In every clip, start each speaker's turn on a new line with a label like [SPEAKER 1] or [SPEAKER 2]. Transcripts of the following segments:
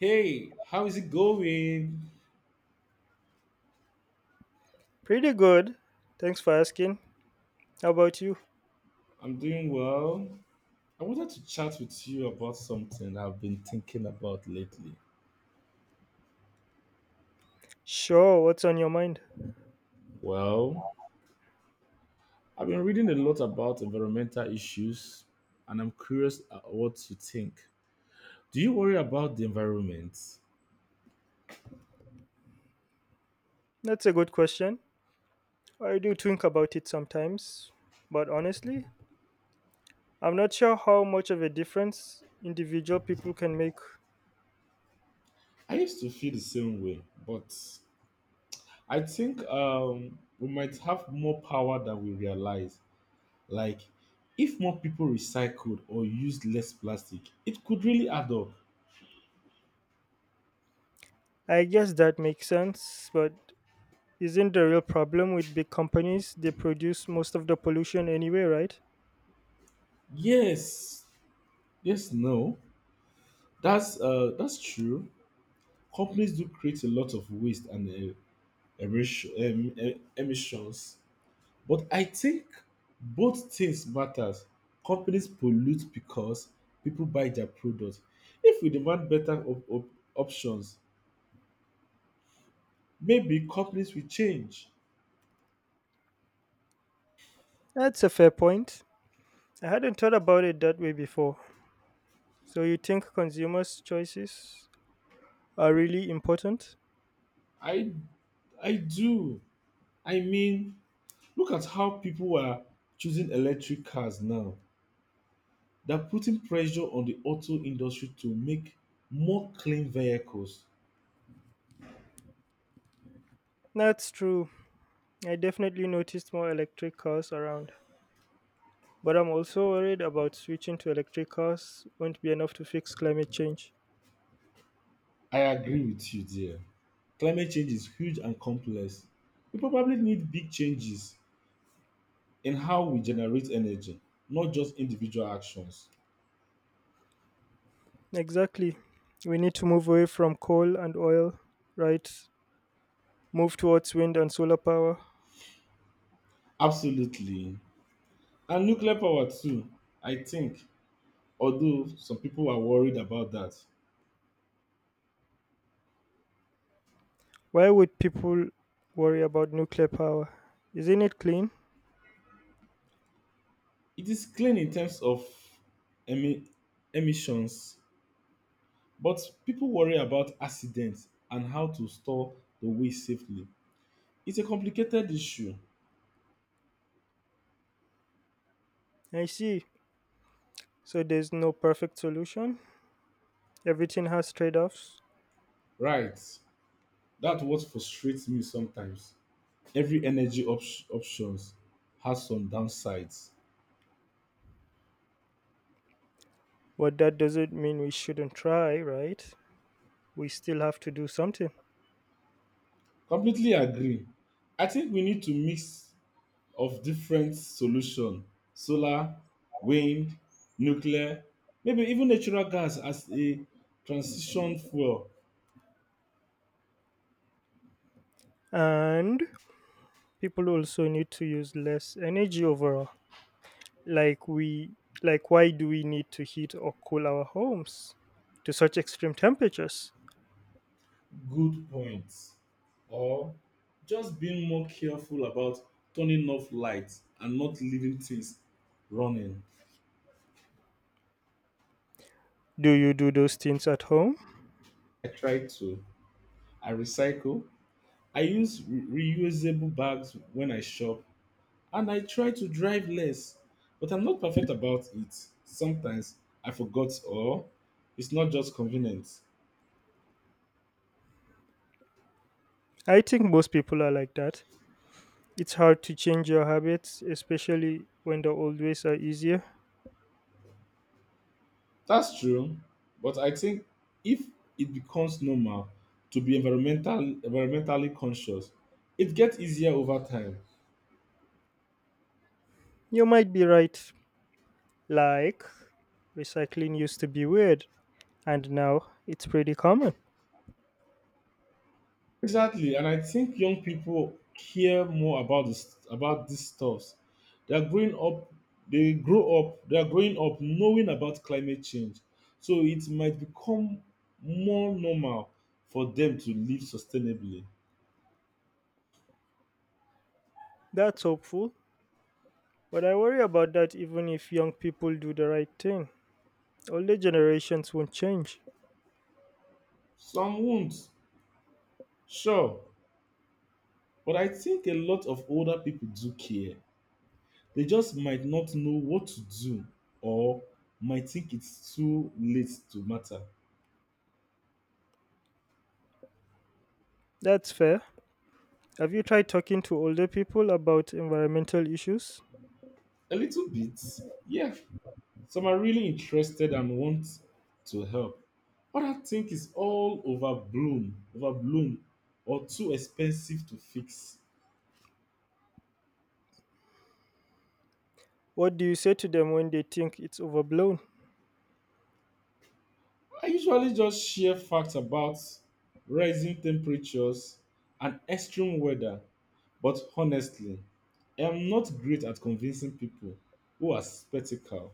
[SPEAKER 1] Hey, how is it going?
[SPEAKER 2] Pretty good. Thanks for asking. How about you?
[SPEAKER 1] I'm doing well. I wanted to chat with you about something I've been thinking about lately.
[SPEAKER 2] Sure, what's on your mind?
[SPEAKER 1] Well, I've been reading a lot about environmental issues and I'm curious at what you think. Do you worry about the environment?
[SPEAKER 2] That's a good question. I do think about it sometimes, but honestly, I'm not sure how much of a difference individual people can make.
[SPEAKER 1] I used to feel the same way, but I think we might have more power than we realize. Like, if more people recycled or used less plastic, it could really add up.
[SPEAKER 2] I guess that makes sense, but isn't the real problem with big companies? They produce most of the pollution anyway, right?
[SPEAKER 1] Yes, yes, no. That's true. Companies do create a lot of waste and emissions, but I think both things matters. Companies pollute because people buy their product. If we demand better options, maybe companies will change.
[SPEAKER 2] That's a fair point. I hadn't thought about it that way before. So you think consumers' choices are really important?
[SPEAKER 1] I I do. I mean, look at how people are choosing electric cars now. That putting pressure on the auto industry to make more clean vehicles.
[SPEAKER 2] That's true. I definitely noticed more electric cars around. But I'm also worried about switching to electric cars won't be enough to fix climate change.
[SPEAKER 1] I agree with you there. Climate change is huge and complex. We probably need big changes in how we generate energy, not just individual actions.
[SPEAKER 2] Exactly. We need to move away from coal and oil, right? Move towards wind and solar power.
[SPEAKER 1] Absolutely. And nuclear power too, I think, although some people are worried about that.
[SPEAKER 2] Why would people worry about nuclear power? Isn't it clean?
[SPEAKER 1] It is clean in terms of emi- emissions, but people worry about accidents and how to store the waste safely. It's a complicated issue,
[SPEAKER 2] I see. So there's no perfect solution. Everything has trade offs.
[SPEAKER 1] right? That's what frustrates me sometimes. Every energy options has some downsides.
[SPEAKER 2] But that doesn't mean we shouldn't try, right? We still have to do something.
[SPEAKER 1] Completely agree. I think we need to mix of different solution: solar, wind, nuclear, maybe even natural gas as a transition fuel.
[SPEAKER 2] And people also need to use less energy overall. Like we like why do we need to heat or cool our homes to such extreme temperatures?
[SPEAKER 1] Good points, or just being more careful about turning off lights and not leaving things running.
[SPEAKER 2] Do you do those things at home?
[SPEAKER 1] I try to. I recycle. I use reusable bags when I shop and I try to drive less. But I'm not perfect about it. Sometimes I forgot or it's not just convenient.
[SPEAKER 2] I think most people are like that. It's hard to change your habits, especially when the old ways are easier.
[SPEAKER 1] That's true, but I think if it becomes normal to be environmentally conscious, it gets easier over time.
[SPEAKER 2] You might be right. Like recycling used to be weird and now it's pretty common.
[SPEAKER 1] Exactly, and I think young people care more about this about these stuffs. They are growing up. They are growing up knowing about climate change, so it might become more normal for them to live sustainably.
[SPEAKER 2] That's hopeful, but I worry about that even if young people do the right thing. Older generations won't change.
[SPEAKER 1] Some won't, sure, but I think a lot of older people do care. They just might not know what to do or might think it's too late to matter.
[SPEAKER 2] That's fair. Have you tried talking to older people about environmental issues?
[SPEAKER 1] A little bit, yeah. Some are really interested and want to help. Others think it's all overblown or too expensive to fix.
[SPEAKER 2] What do you say to them when they think it's overblown?
[SPEAKER 1] I usually just share facts about rising temperatures and extreme weather, but honestly, I am not great at convincing people who are skeptical.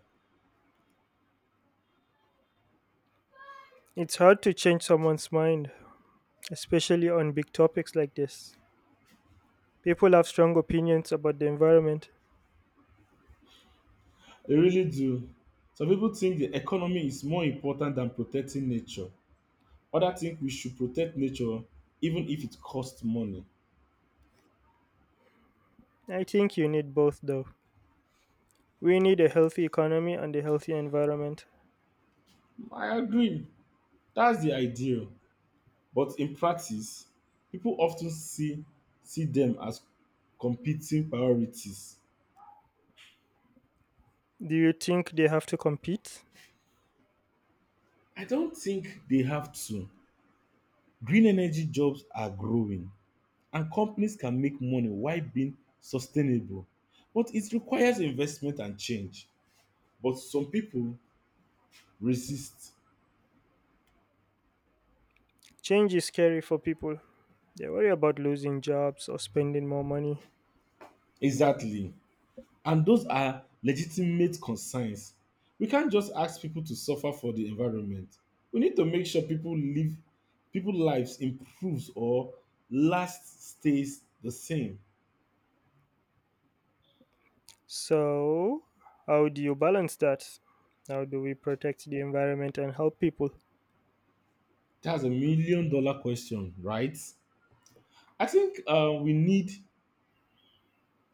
[SPEAKER 2] It's hard to change someone's mind, especially on big topics like this. People have strong opinions about the environment.
[SPEAKER 1] They really do. Some people think the economy is more important than protecting nature. Others think we should protect nature even if it costs money.
[SPEAKER 2] I think you need both, though. We need a healthy economy and a healthy environment.
[SPEAKER 1] I agree. That's the ideal. But in practice, people often see them as competing priorities.
[SPEAKER 2] Do you think they have to compete?
[SPEAKER 1] I don't think they have to. Green energy jobs are growing and companies can make money while being sustainable. But it requires investment and change. But some people racist,
[SPEAKER 2] Change is scary for people. They worry about losing jobs or spending more money.
[SPEAKER 1] exactly, and those are legitimate concerns. We can't just ask people to suffer for the environment. We need to make sure people lives improves or last stays the same.
[SPEAKER 2] So, how do you balance that? How do we protect the environment and help people?
[SPEAKER 1] That's a million dollar question, right? I think we need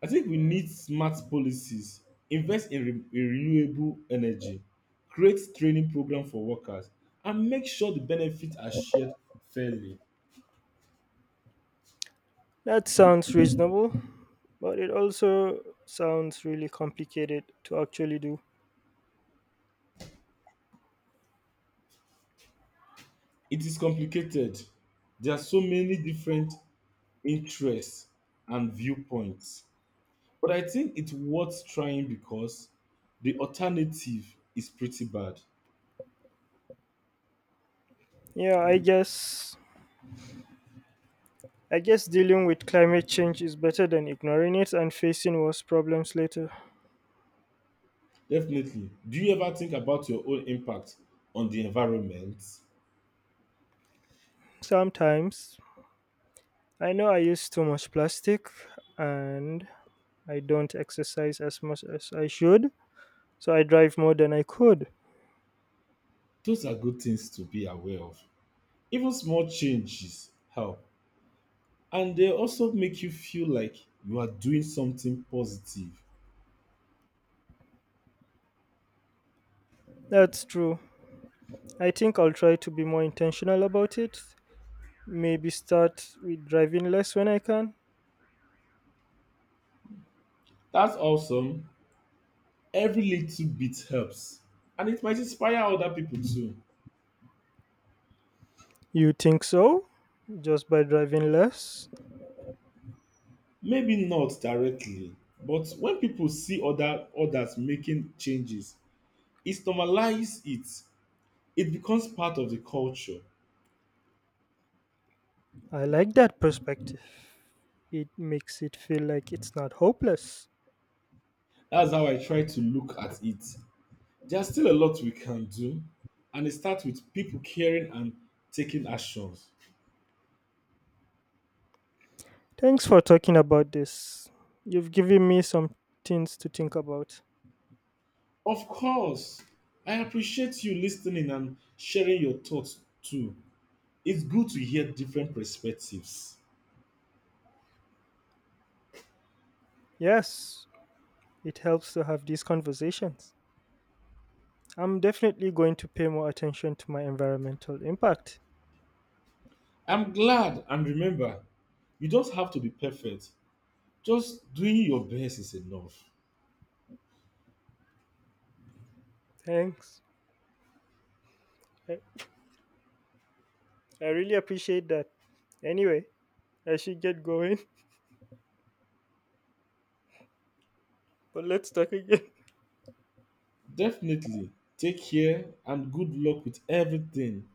[SPEAKER 1] i think we need smart policies, invest in, in renewable energy, create training program for workers and make sure the benefits are shared fairly.
[SPEAKER 2] That sounds reasonable, but it also sounds really complicated to actually do.
[SPEAKER 1] It is complicated. There are so many different interests and viewpoints. But I think it's worth trying because the alternative is pretty bad.
[SPEAKER 2] Yeah, I guess dealing with climate change is better than ignoring it and facing worse problems later.
[SPEAKER 1] Definitely. Do you ever think about your own impact on the environment?
[SPEAKER 2] Sometimes I know I use too much plastic and I don't exercise as much as I should, so I drive more than I could.
[SPEAKER 1] Those are good things to be aware of. Even small changes help. And they also make you feel like you are doing something positive.
[SPEAKER 2] That's true. I think I'll try to be more intentional about it. Maybe start with driving less when I can.
[SPEAKER 1] That's awesome. Every little bit helps, and it might inspire other people too.
[SPEAKER 2] You think so? Just by driving less?
[SPEAKER 1] Maybe not directly, but when people see others making changes, it normalizes it. It becomes part of the culture.
[SPEAKER 2] I like that perspective. It makes it feel like it's not hopeless.
[SPEAKER 1] That's how I try to look at it. There's still a lot we can do, and it starts with people caring and taking actions.
[SPEAKER 2] Thanks for talking about this. You've given me some things to think about.
[SPEAKER 1] Of course, I appreciate you listening and sharing your thoughts too. It's good to hear different perspectives.
[SPEAKER 2] Yes, it helps to have these conversations. I'm definitely going to pay more attention to my environmental impact.
[SPEAKER 1] I'm glad, and remember, you don't have to be perfect. Just doing your best is enough.
[SPEAKER 2] Thanks. I, I really appreciate that. Anyway, I should get going, but let's talk again.
[SPEAKER 1] Definitely. Take care and good luck with everything.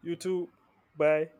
[SPEAKER 2] You too. Bye.